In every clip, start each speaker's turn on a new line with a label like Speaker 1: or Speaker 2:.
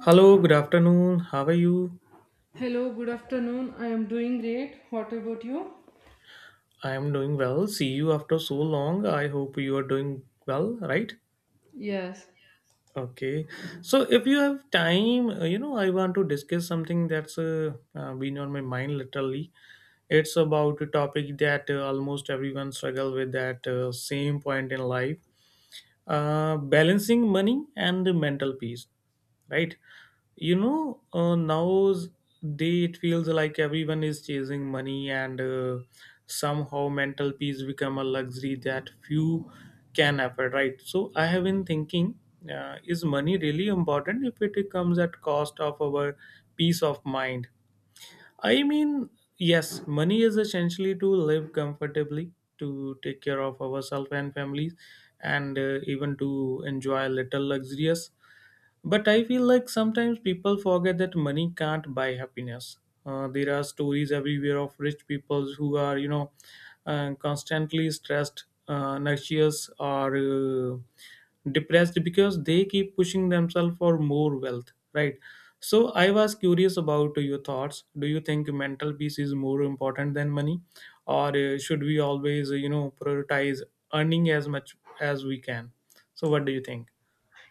Speaker 1: Hello, good afternoon. How are you?
Speaker 2: Hello, good afternoon. I am doing great. What about you?
Speaker 1: I am doing well. See you after so long. I hope you are doing well, right?
Speaker 2: Yes.
Speaker 1: Okay. So, if you have time, you know, I want to discuss something that's been on my mind literally. It's about a topic that almost everyone struggle with at same point in life, balancing money and the mental peace, right? You know, now's day it feels like everyone is chasing money, and somehow mental peace become a luxury that few can afford, right? So I have been thinking, is money really important if it comes at cost of our peace of mind? I mean, yes, money is essentially to live comfortably, to take care of ourselves and families, and even to enjoy a little luxurious. But I feel like sometimes people forget that money can't buy happiness. There are stories everywhere of rich people who are, you know, constantly stressed, anxious, or depressed because they keep pushing themselves for more wealth, right? So I was curious about your thoughts. Do you think mental peace is more important than money, or should we always, you know, prioritize earning as much as we can? So what do you think?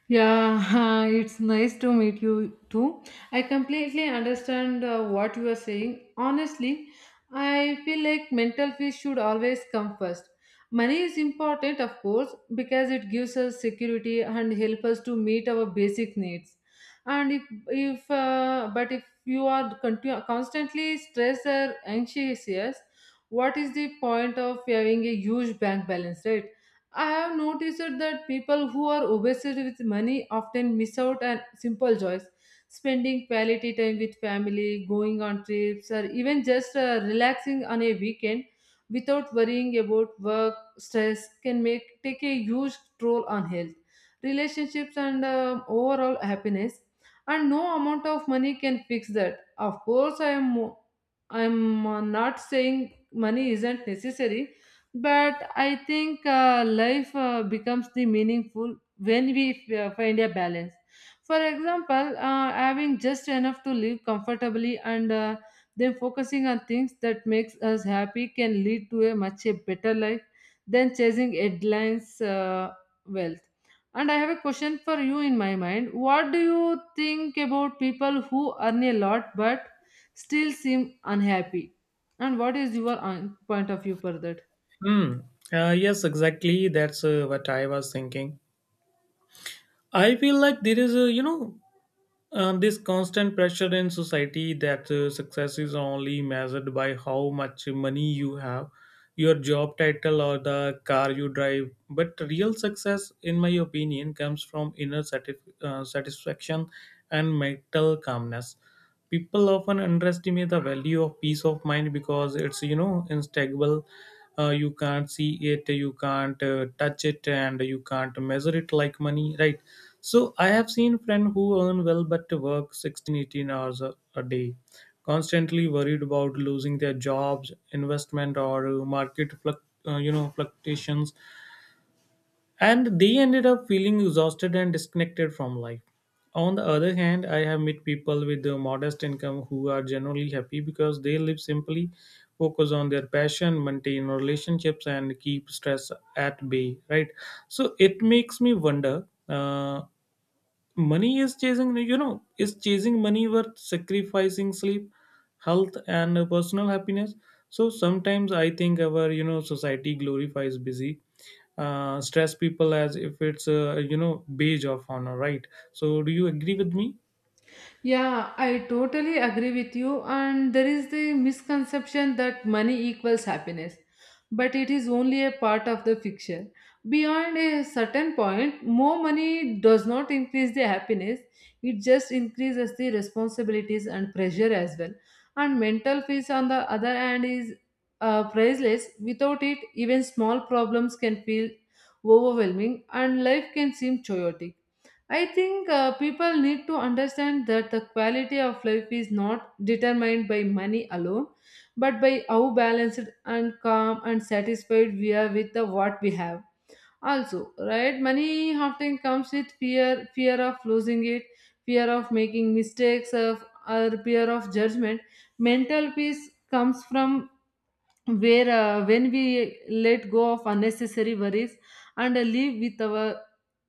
Speaker 2: Yeah, it's nice to meet you too. I completely understand what you are saying. Honestly, I feel like mental peace should always come first. Money is important, of course, because it gives us security and help us to meet our basic needs. And if but if you are constantly stressed or anxious, yes, what is the point of having a huge bank balance, right? I have noticed that people who are obsessed with money often miss out on simple joys. Spending quality time with family, going on trips, or even just relaxing on a weekend without worrying about work stress can make take a huge toll on health, relationships, and overall happiness. And no amount of money can fix that. Of course, I'm not saying money isn't necessary, but I think life becomes the meaningful when we find a balance. For example, having just enough to live comfortably and then focusing on things that makes us happy can lead to a much a better life than chasing headlines wealth. And I have a question for you in my mind. What do you think about people who earn a lot but still seem unhappy? And what is your point of view for that?
Speaker 1: Hmm. Yes, exactly. That's what I was thinking. I feel like there is, a, you know, this constant pressure in society that success is only measured by how much money you have, your job title, or the car you drive. But real success, in my opinion, comes from inner satisfaction and mental calmness. People often underestimate the value of peace of mind because it's, you know, instable. Uh, you can't see it, you can't touch it, and you can't measure it like money, right? So I have seen friend who earn well but work 16, 18 hours a day, constantly worried about losing their jobs, investment, or market you know, fluctuations, and they ended up feeling exhausted and disconnected from life. On the other hand, I have met people with a modest income who are generally happy because they live simply, focus on their passion, maintain relationships, and keep stress at bay. Right. So it makes me wonder. Money is chasing. You know, is chasing money worth sacrificing sleep, health, and personal happiness? So sometimes I think our, you know, society glorifies busy, stress people as if it's, you know, badge of honor, right? So do you agree with me?
Speaker 2: Yeah, I totally agree with you. And there is the misconception that money equals happiness, but it is only a part of the picture. Beyond a certain point, more money does not increase the happiness, it just increases the responsibilities and pressure as well. And mental peace, on the other hand, is priceless. Without it, even small problems can feel overwhelming and life can seem chaotic. I think people need to understand that the quality of life is not determined by money alone, but by how balanced and calm and satisfied we are with the what we have. Also, right, money often comes with fear, fear of losing it, fear of making mistakes, of or fear of judgment. Mental peace comes from where, when we let go of unnecessary worries and live with our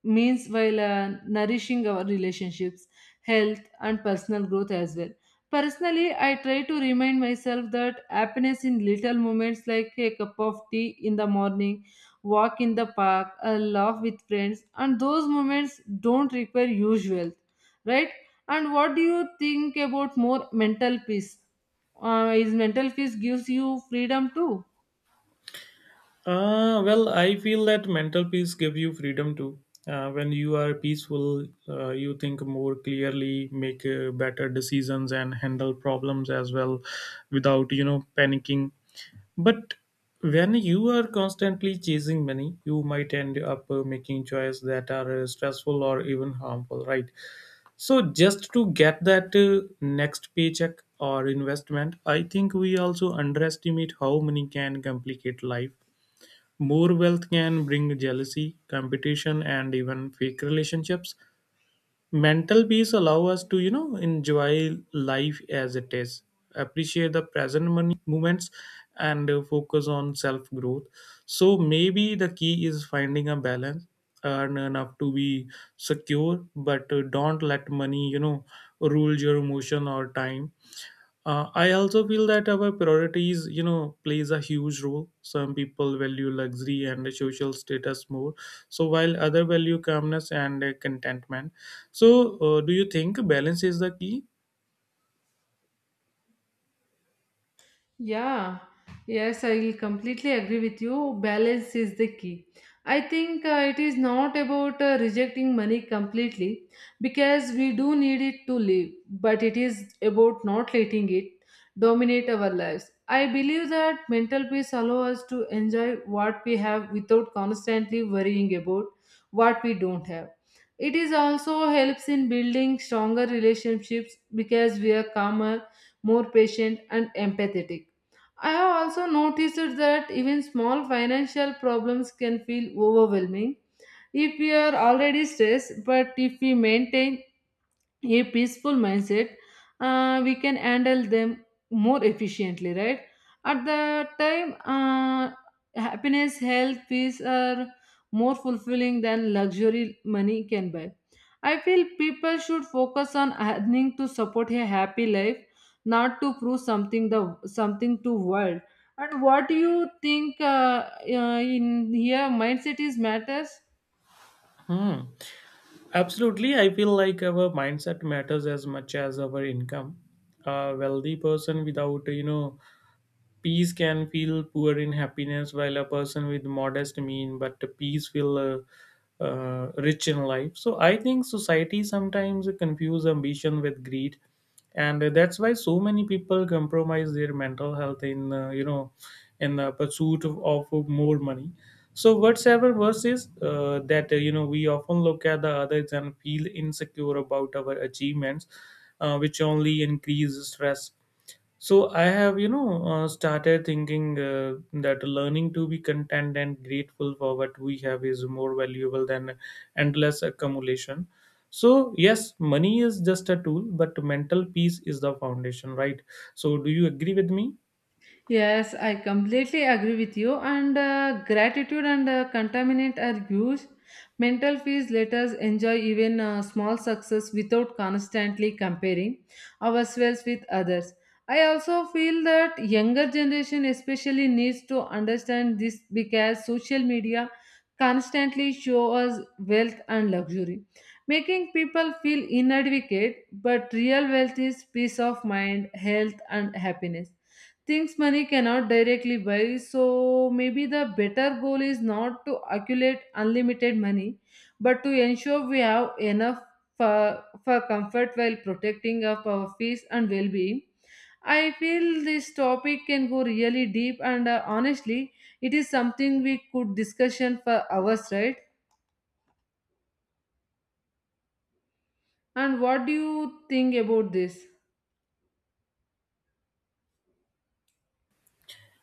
Speaker 2: means while nourishing our relationships, health, and personal growth as well. Personally, I try to remind myself that happiness in little moments, like a cup of tea in the morning, walk in the park, a laugh with friends, and those moments don't require huge wealth, right? And what do you think about more mental peace? Is mental peace gives you freedom too?
Speaker 1: Uh, well, I feel that mental peace give you freedom too. Uh, when you are peaceful, you think more clearly, make better decisions, and handle problems as well without, you know, panicking. But when you are constantly chasing money, you might end up making choices that are stressful or even harmful, right? So just to get that next paycheck or investment, I think we also underestimate how money can complicate life. More wealth can bring jealousy, competition, and even fake relationships. Mental peace allow us to, you know, enjoy life as it is, appreciate the present moments, and focus on self growth. So maybe the key is finding a balance. Earn enough to be secure, but don't let money, you know, rule your emotion or time. Uh, I also feel that our priorities, you know, plays a huge role. Some people value luxury and social status more, so while other value calmness and contentment. So, do you think balance is the key?
Speaker 2: Yeah, yes, I completely agree with you. Balance is the key. I think it is not about rejecting money completely, because we do need it to live, but it is about not letting it dominate our lives. I believe that mental peace allows us to enjoy what we have without constantly worrying about what we don't have. It is also helps in building stronger relationships because we are calmer, more patient, and empathetic. I have also noticed that even small financial problems can feel overwhelming if we are already stressed, but if we maintain a peaceful mindset, we can handle them more efficiently, right? At the time, happiness, health, peace are more fulfilling than luxury money can buy. I feel people should focus on earning to support a happy life, not to prove something the something to world. And what do you think, in here mindset is matters?
Speaker 1: Hmm. Absolutely, I feel like our mindset matters as much as our income. A wealthy person without, you know, peace can feel poor in happiness, while a person with modest mean but peace feel rich in life. So I think society sometimes confuse ambition with greed, and that's why so many people compromise their mental health in, you know, in the pursuit of more money. So whatsoever verse is that, you know, we often look at the others and feel insecure about our achievements, which only increase stress. So I have, you know, started thinking that learning to be content and grateful for what we have is more valuable than endless accumulation. So yes, money is just a tool, but mental peace is the foundation, right? So do you agree with me?
Speaker 2: Yes, I completely agree with you. And gratitude and contaminant are huge. Mental fees let us enjoy even small success without constantly comparing ourselves with others. I also feel that younger generation especially needs to understand this because social media constantly show us wealth and luxury, making people feel inadequate. But real wealth is peace of mind, health, and happiness, things money cannot directly buy. So maybe the better goal is not to accumulate unlimited money, but to ensure we have enough for comfort while protecting of our peace and well-being. I feel this topic can go really deep and honestly, it is something we could discussion for hours, right? And what do you think about this?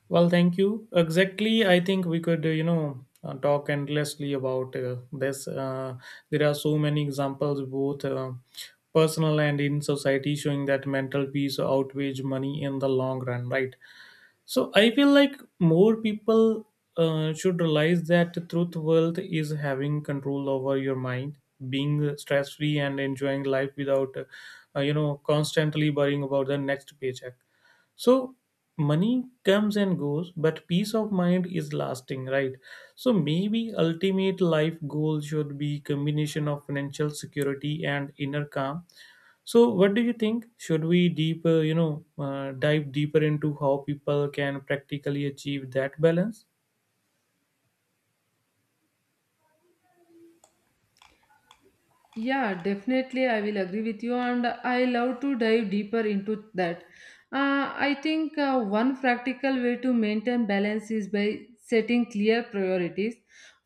Speaker 1: Well, thank you. Exactly, I think we could, you know, talk endlessly about this. There are so many examples, both personal and in society, showing that mental peace outweighs money in the long run, right? So I feel like more people should realize that truth wealth is having control over your mind, being stress free, and enjoying life without, you know, constantly worrying about the next paycheck. So money comes and goes, but peace of mind is lasting, right? So maybe ultimate life goal should be combination of financial security and inner calm. So what do you think? Should we deeper, you know, dive deeper into how people can practically achieve that balance?
Speaker 2: Yeah, definitely, I will agree with you, and I love to dive deeper into that. I think one practical way to maintain balance is by setting clear priorities.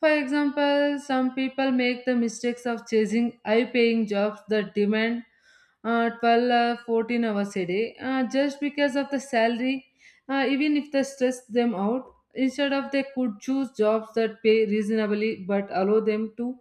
Speaker 2: For example, some people make the mistakes of chasing high paying jobs that demand 12 14 hours a day just because of the salary, even if they stress them out. Instead of they could choose jobs that pay reasonably but allow them to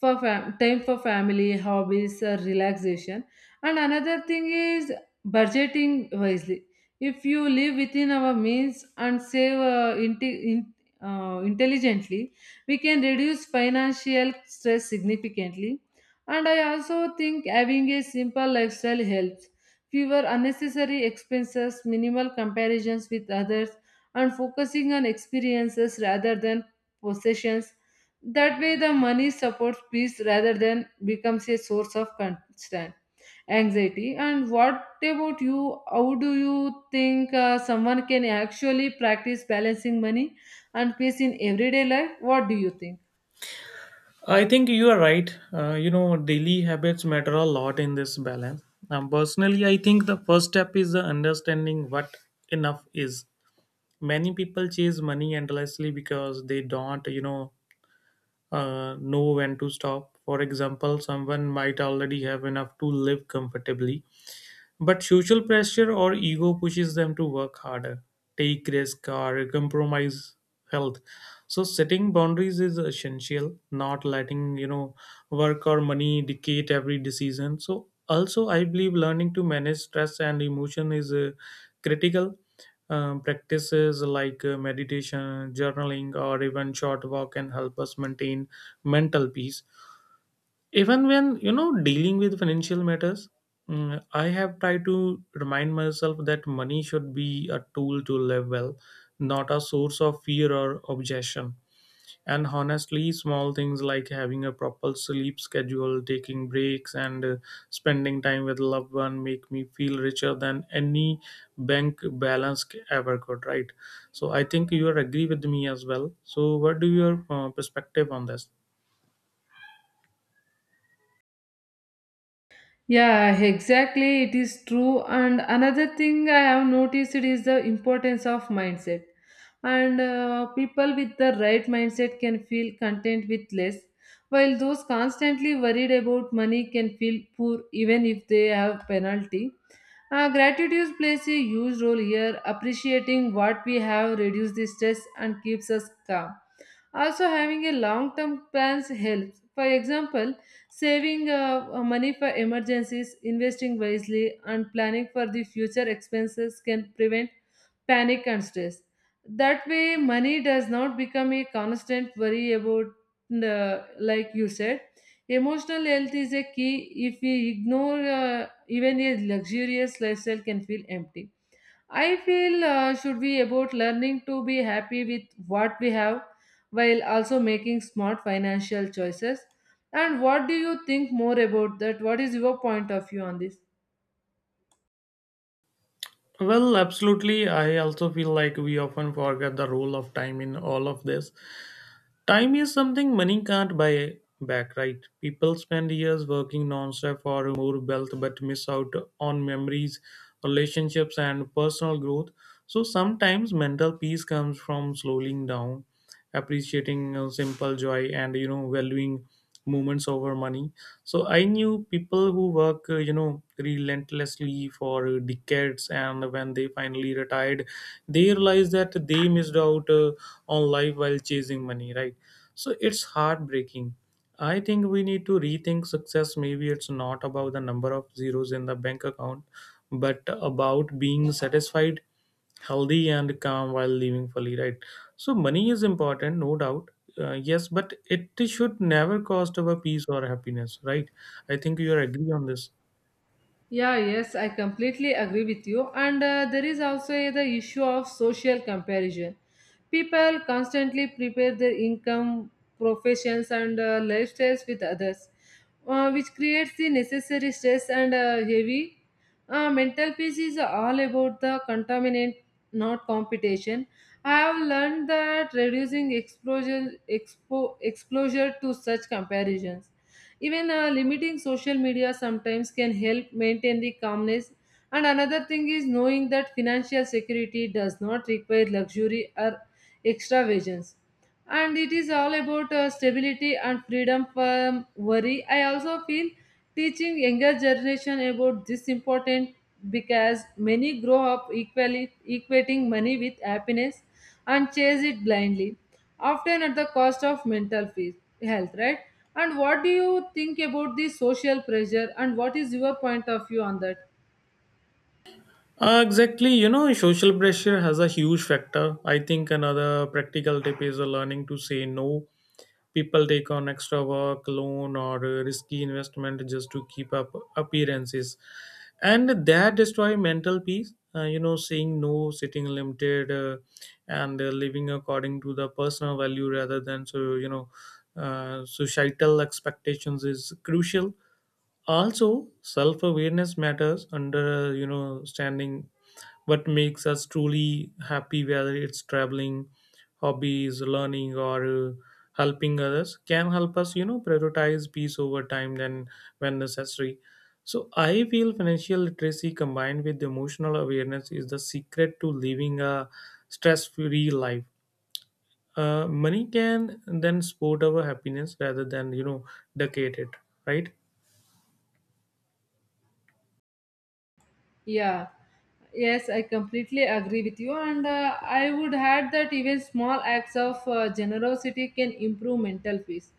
Speaker 2: for time for family, hobbies, relaxation. And another thing is budgeting wisely. If you live within our means and save intelligently, we can reduce financial stress significantly. And I also think having a simple lifestyle helps. Fewer unnecessary expenses, minimal comparisons with others, and focusing on experiences rather than possessions. That way, the money supports peace rather than becomes a source of constant anxiety. And what about you? How do you think someone can actually practice balancing money and peace in everyday life? What do you think?
Speaker 1: I think you are right. You know, daily habits matter a lot in this balance. Personally, I think the first step is the understanding what enough is. Many people chase money endlessly because they don't, you know, know when to stop. For example, someone might already have enough to live comfortably, but social pressure or ego pushes them to work harder, take risk, or compromise health. So setting boundaries is essential. Not letting, you know, work or money dictate every decision. So also, I believe learning to manage stress and emotion is critical. Practices like meditation, journaling, or even short walk can help us maintain mental peace even when, you know, dealing with financial matters. Mm, I have tried to remind myself that money should be a tool to live well, not a source of fear or obsession. And honestly, small things like having a proper sleep schedule, taking breaks, and spending time with loved one make me feel richer than any bank balance ever could, right? So I think you are agree with me as well. So what do your perspective on this?
Speaker 2: Yeah, exactly. It is true. And another thing I have noticed is the importance of mindset. And people with the right mindset can feel content with less, while those constantly worried about money can feel poor even if they have penalty. Gratitude plays a huge role here. Appreciating what we have reduces the stress and keeps us calm. Also, having a long term plans helps. For example, saving money for emergencies, investing wisely, and planning for the future expenses can prevent panic and stress. That way, money does not become a constant worry about, like you said. Emotional health is a key. If we ignore even a luxurious lifestyle, can feel empty. I feel should be about learning to be happy with what we have while also making smart financial choices. And what do you think more about that? What is your point of view on this?
Speaker 1: Well, absolutely. I also feel like we often forget the role of time in all of this. Time is something money can't buy back, right? People spend years working non-stop for more wealth but miss out on memories, relationships, and personal growth. So sometimes mental peace comes from slowing down, appreciating simple joy, and, you know, valuing moments over money. So I knew people who work, you know, relentlessly for decades, and when they finally retired, they realized that they missed out on life while chasing money, right? So it's heartbreaking. I think we need to rethink success. Maybe it's not about the number of zeros in the bank account, but about being satisfied, healthy, and calm while living fully, right? So money is important, no doubt. Yes, but it should never cost our peace or happiness, right? I think you are agree on this.
Speaker 2: Yeah, yes, I completely agree with you. And there is also the issue of social comparison. People constantly prepare their income, professions, and lifestyles with others, which creates the necessary stress and heavy. Mental peace is all about the contaminant, not competition. I have learned that reducing exposure, exposure to such comparisons, even limiting social media sometimes, can help maintain the calmness. And another thing is knowing that financial security does not require luxury or extravagance, and it is all about stability and freedom from worry. I also feel teaching younger generation about this important, because many grow up equally equating money with happiness and chase it blindly, often at the cost of mental health, right? And what do you think about the social pressure? And what is your point of view on that?
Speaker 1: Exactly, you know, social pressure has a huge factor. I think another practical tip is learning to say no. People take on extra work loan or risky investment just to keep up appearances, and that destroy mental peace. Uh, you know, saying no, sitting limited, and living according to the personal value rather than, so, you know, societal expectations is crucial. Also, self-awareness matters. Under, you know, standing what makes us truly happy, whether it's traveling, hobbies, learning, or helping others, can help us, you know, prioritize peace over time than when necessary. So I feel financial literacy combined with emotional awareness is the secret to living a stress-free life. Uh, money can then support our happiness rather than, you know, decade it, right?
Speaker 2: Yeah, yes, I completely agree with you, and I would add that even small acts of generosity can improve mental peace.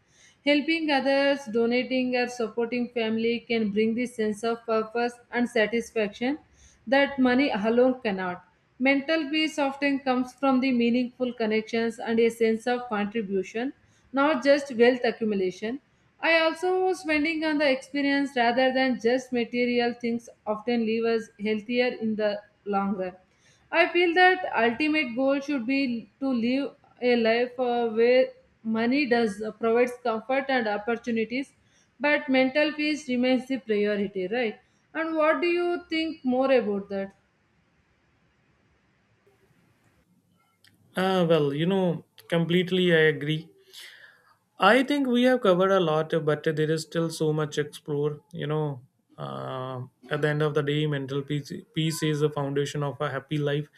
Speaker 2: Helping others, donating, or supporting family can bring this sense of purpose and satisfaction that money alone cannot. Mental peace often comes from the meaningful connections and a sense of contribution, not just wealth accumulation. I also was spending on the experience rather than just material things often leave us healthier in the long run. I feel that ultimate goal should be to live a life where money does provides comfort and opportunities, but mental peace remains the priority, right? And what do you think more about that?
Speaker 1: Ah, well, you know, completely I agree. I think we have covered a lot, but there is still so much explore. You know, uh, at the end of the day, peace is the foundation of a happy life,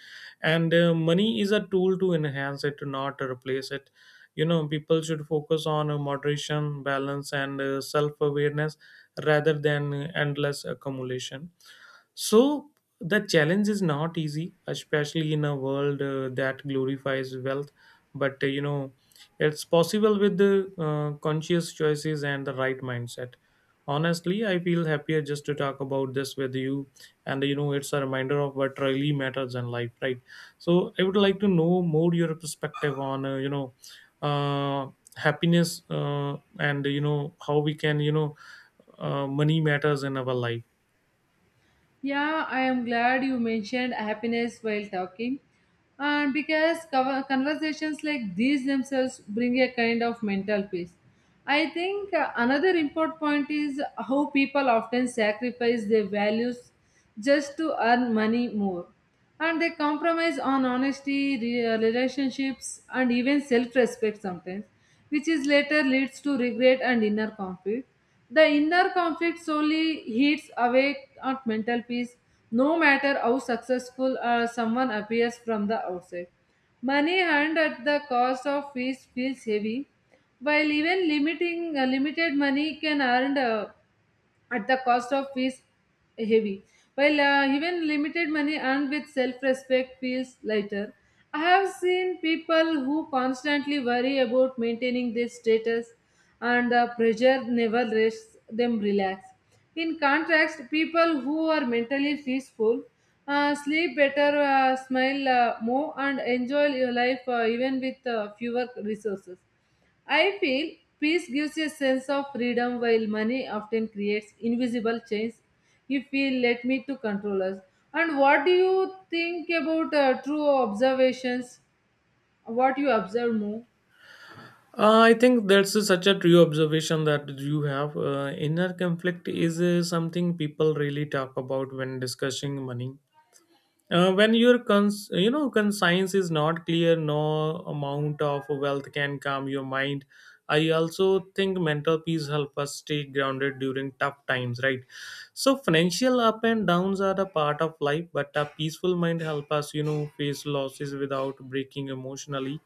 Speaker 1: and money is a tool to enhance it, not to replace it. You know, people should focus on moderation, balance, and self awareness rather than endless accumulation. So the challenge is not easy, especially in a world that glorifies wealth. But, you know, it's possible with the conscious choices and the right mindset. Honestly, I feel happier just to talk about this with you, and, you know, it's a reminder of what really matters in life, right? So I would like to know more your perspective on, you know, uh, happiness, and, you know, how we can, you know, money matters in our life.
Speaker 2: Yeah, I am glad you mentioned happiness while talking. And because conversations like these themselves bring a kind of mental peace. I think another important point is how people often sacrifice their values just to earn money more, and they compromise on honesty, relationships, and even self respect sometimes, which is later leads to regret and inner conflict. The inner conflict solely eats away at mental peace, no matter how successful someone appears from the outside. Money earned at the cost of peace feels heavy, while even limiting limited money can earn at the cost of fees heavy. While even limited money earned with self respect feels lighter. I have seen people who constantly worry about maintaining their status and the pressure never lets them relax. In contrast, people who are mentally peaceful sleep better, smile more, and enjoy your life even with fewer resources. I feel peace gives a sense of freedom while money often creates invisible chains if we let me to control us. And what do you think about true observations? What you observe more?
Speaker 1: I think that's such a true observation that you have. Inner conflict is something people really talk about when discussing money. When your conscience is not clear, no amount of wealth can calm your mind. I also think mental peace help us stay grounded during tough times, right? So financial up and downs are a part of life, but a peaceful mind help us, face losses without breaking emotionally.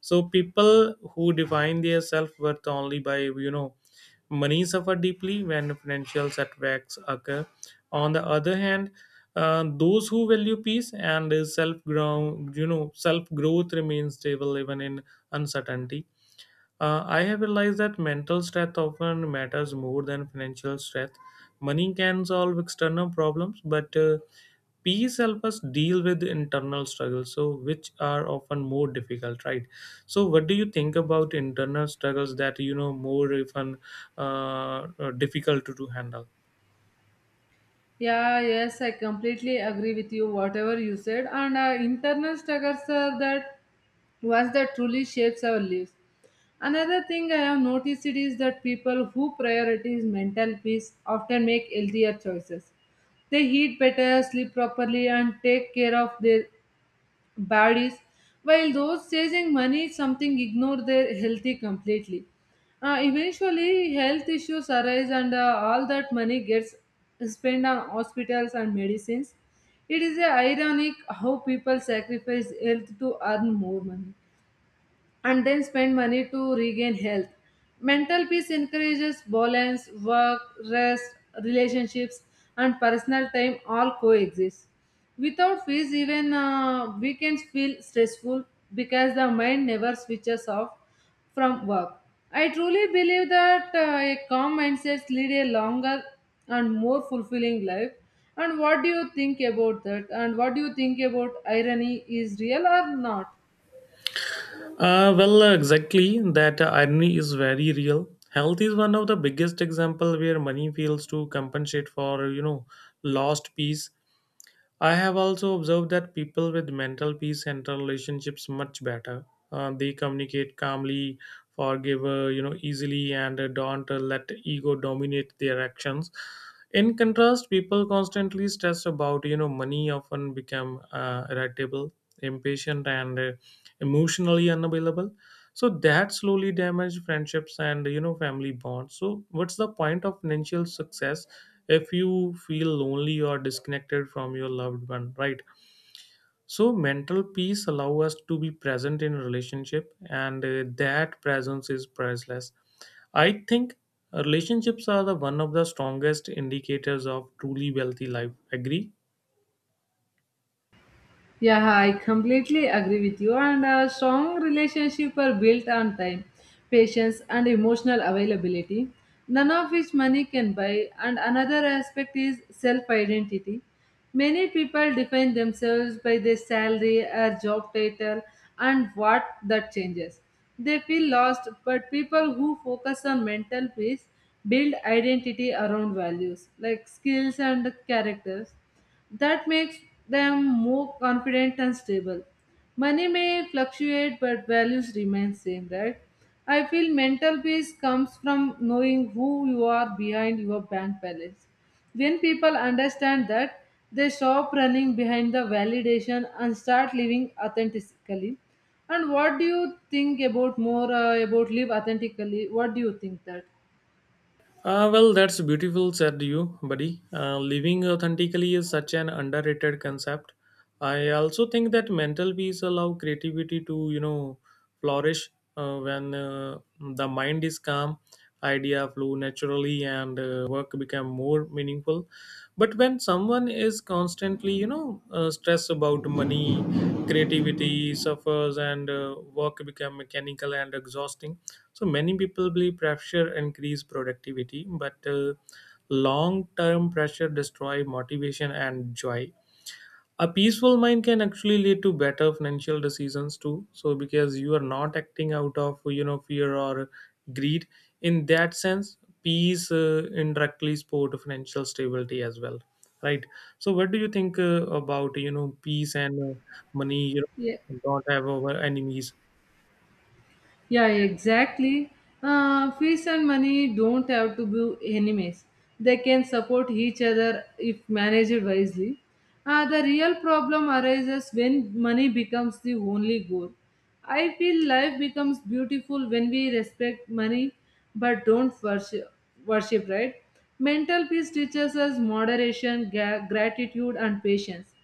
Speaker 1: So people who define their self-worth only by you know money suffer deeply when financial setbacks occur. On the other hand, those who value peace and self ground, self growth, remain stable even in uncertainty. I have realized that mental strength often matters more than financial strength. Money can solve external problems, but peace help us deal with internal struggles, so which are often more difficult, right? So what do you think about internal struggles that more even uh, difficult to, handle?
Speaker 2: Yeah, yes, I completely agree with you, whatever you said. And internal struggles are that truly shapes our lives. Another thing I have noticed it is that people who prioritize mental peace often make healthier choices. They eat better, sleep properly, and take care of their baddies, while those chasing money something ignore their healthy completely. Eventually, health issues arise, and all that money gets spent on hospitals and medicines. It is ironic how people sacrifice health to earn more money and then spend money to regain health. Mental peace encourages balance, work, rest, relationships, and personal time all coexist. Without peace, even weekends feel stressful because the mind never switches off from work. I truly believe that a calm mindset lead a longer and more fulfilling life. And what do you think about that? And what do you think about irony is real or not?
Speaker 1: Well, exactly that irony is very real. Health is one of the biggest example where money fails to compensate for lost peace. I have also observed that people with mental peace enter relationships much better. They communicate calmly, forgive easily, and don't let ego dominate their actions. In contrast, people constantly stressed about money often become irritable, impatient, and emotionally unavailable, so that slowly damaged friendships and family bonds. So what's the point of financial success if you feel lonely or disconnected from your loved one, right? So mental peace allow us to be present in a relationship, and that presence is priceless. I think relationships are the one of the strongest indicators of truly wealthy life, agree?
Speaker 2: Yeah, I completely agree with you. And a strong relationship are built on time, patience, and emotional availability, none of which money can buy. And another aspect is self identity. Many people define themselves by their salary or job title, and what that changes. They feel lost, but people who focus on mental peace build identity around values like skills and characters. That makes them more confident and stable. Money may fluctuate but values remain same, right? I feel mental peace comes from knowing who you are behind your bank balance. When people understand that, they stop running behind the validation and start living authentically. And what do you think about more about live authentically? What do you think that?
Speaker 1: Well, that's beautiful, said you, buddy. Living authentically is such an underrated concept. I also think that mental peace allow creativity to, flourish. When the mind is calm, idea flow naturally, and work become more meaningful. But when someone is constantly, stressed about money, creativity suffers, and work become mechanical and exhausting. So many people believe pressure increase productivity, but long-term pressure destroy motivation and joy. A peaceful mind can actually lead to better financial decisions too. So because you are not acting out of fear or greed. In that sense, peace indirectly support financial stability as well, right? So what do you think about peace and money? You
Speaker 2: Yeah.
Speaker 1: know, don't have our enemies.
Speaker 2: Yeah, exactly. Fish and money don't have to be enemies. They can support each other if managed wisely. The real problem arises when money becomes the only goal. I feel life becomes beautiful when we respect money but don't worship, worship, right? Mental peace teaches us moderation, gratitude, and patience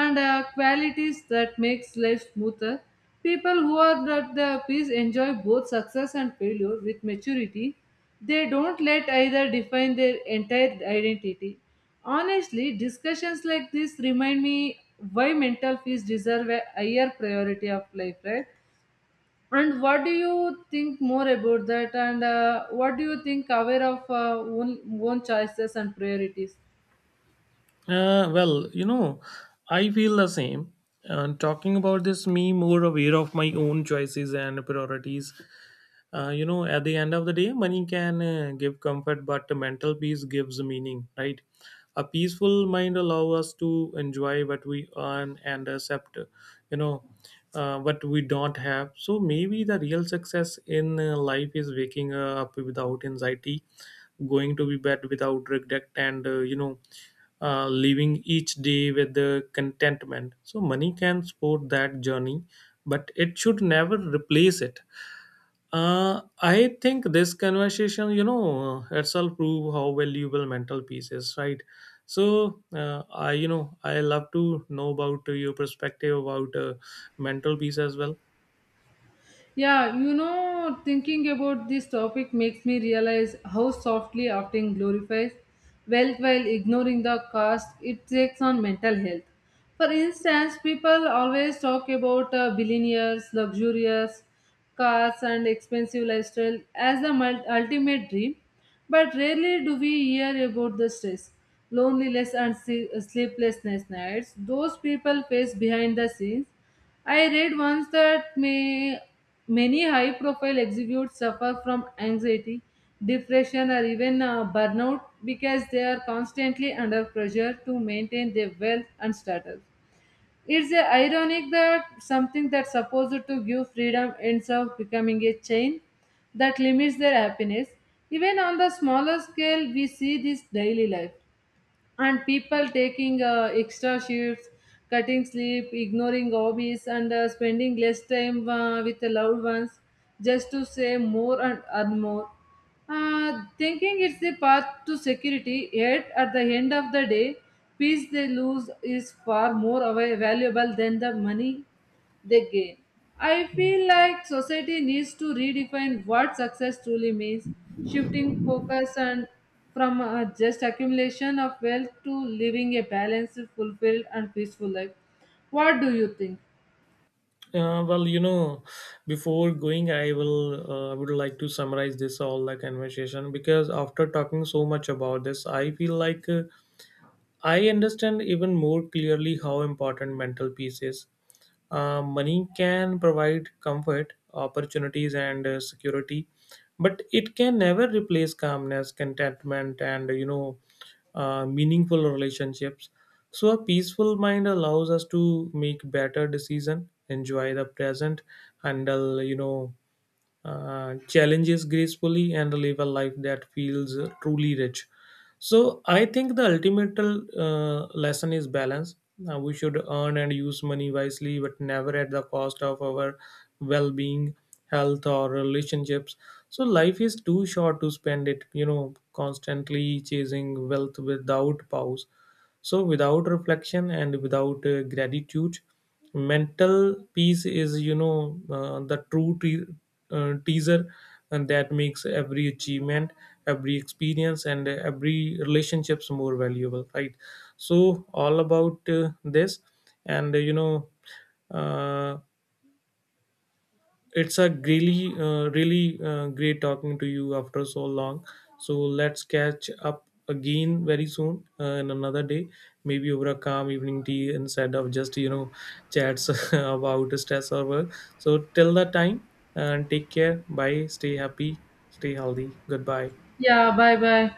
Speaker 2: and qualities that makes life smoother. People who are at the peace enjoy both success and failure with maturity. They don't let either define their entire identity. Honestly, discussions like this remind me why mental peace deserve a higher priority of life, right? And what do you think more about that? And what do you think aware of own choices and priorities?
Speaker 1: Well, I feel the same. And talking about this, me more aware of my own choices and priorities. At the end of the day, money can give comfort, but mental peace gives meaning, right? A peaceful mind allows us to enjoy what we earn and accept, you know what we don't have. So maybe the real success in life is waking up without anxiety, going to be bed without regret, and living each day with the contentment. So money can support that journey, but it should never replace it. I think this conversation, itself prove how valuable mental peace is, right? So, I, I love to know about your perspective about mental peace as well.
Speaker 2: Yeah, you know, thinking about this topic makes me realize how softly acting glorifies wealth while ignoring the cost it takes on mental health. For instance, people always talk about billionaires, luxurious cars, and expensive lifestyle as the ultimate dream, but rarely do we hear about the stress, loneliness, and sleeplessness nights those people face behind the scenes. I read once that many high profile executives suffer from anxiety, depression, or even burnout because they are constantly under pressure to maintain their wealth and status. It's ironic that something that's supposed to give freedom ends up becoming a chain that limits their happiness. Even on the smaller scale, we see this daily life and people taking extra shifts, cutting sleep, ignoring hobbies, and spending less time with the loved ones just to save more and earn more, thinking it's the path to security. Yet at the end of the day, peace they lose is far more valuable than the money they gain. I feel like society needs to redefine what success truly means, shifting focus and from just accumulation of wealth to living a balanced, fulfilled, and peaceful life. What do you think?
Speaker 1: Well, before going, I will would like to summarize this all the conversation, because after talking so much about this, I feel like I understand even more clearly how important mental peace is. Money can provide comfort, opportunities, and security, but it can never replace calmness, contentment, and meaningful relationships. So a peaceful mind allows us to make better decision, enjoy the present, handle challenges gracefully, and live a life that feels truly rich. So I think the ultimate lesson is balance. We should earn and use money wisely, but never at the cost of our well-being, health, or relationships. So life is too short to spend it, constantly chasing wealth without pause. So, without reflection and without gratitude, mental peace is, the teaser, and that makes every achievement, every experience, and every relationships more valuable, right? So, all about this, and uh, it's a really great talking to you after so long. So let's catch up again very soon, in another day, maybe over a calm evening tea instead of just chats about stress or work. So till that time, and take care, bye, stay happy, stay healthy, goodbye.
Speaker 2: Yeah, bye bye.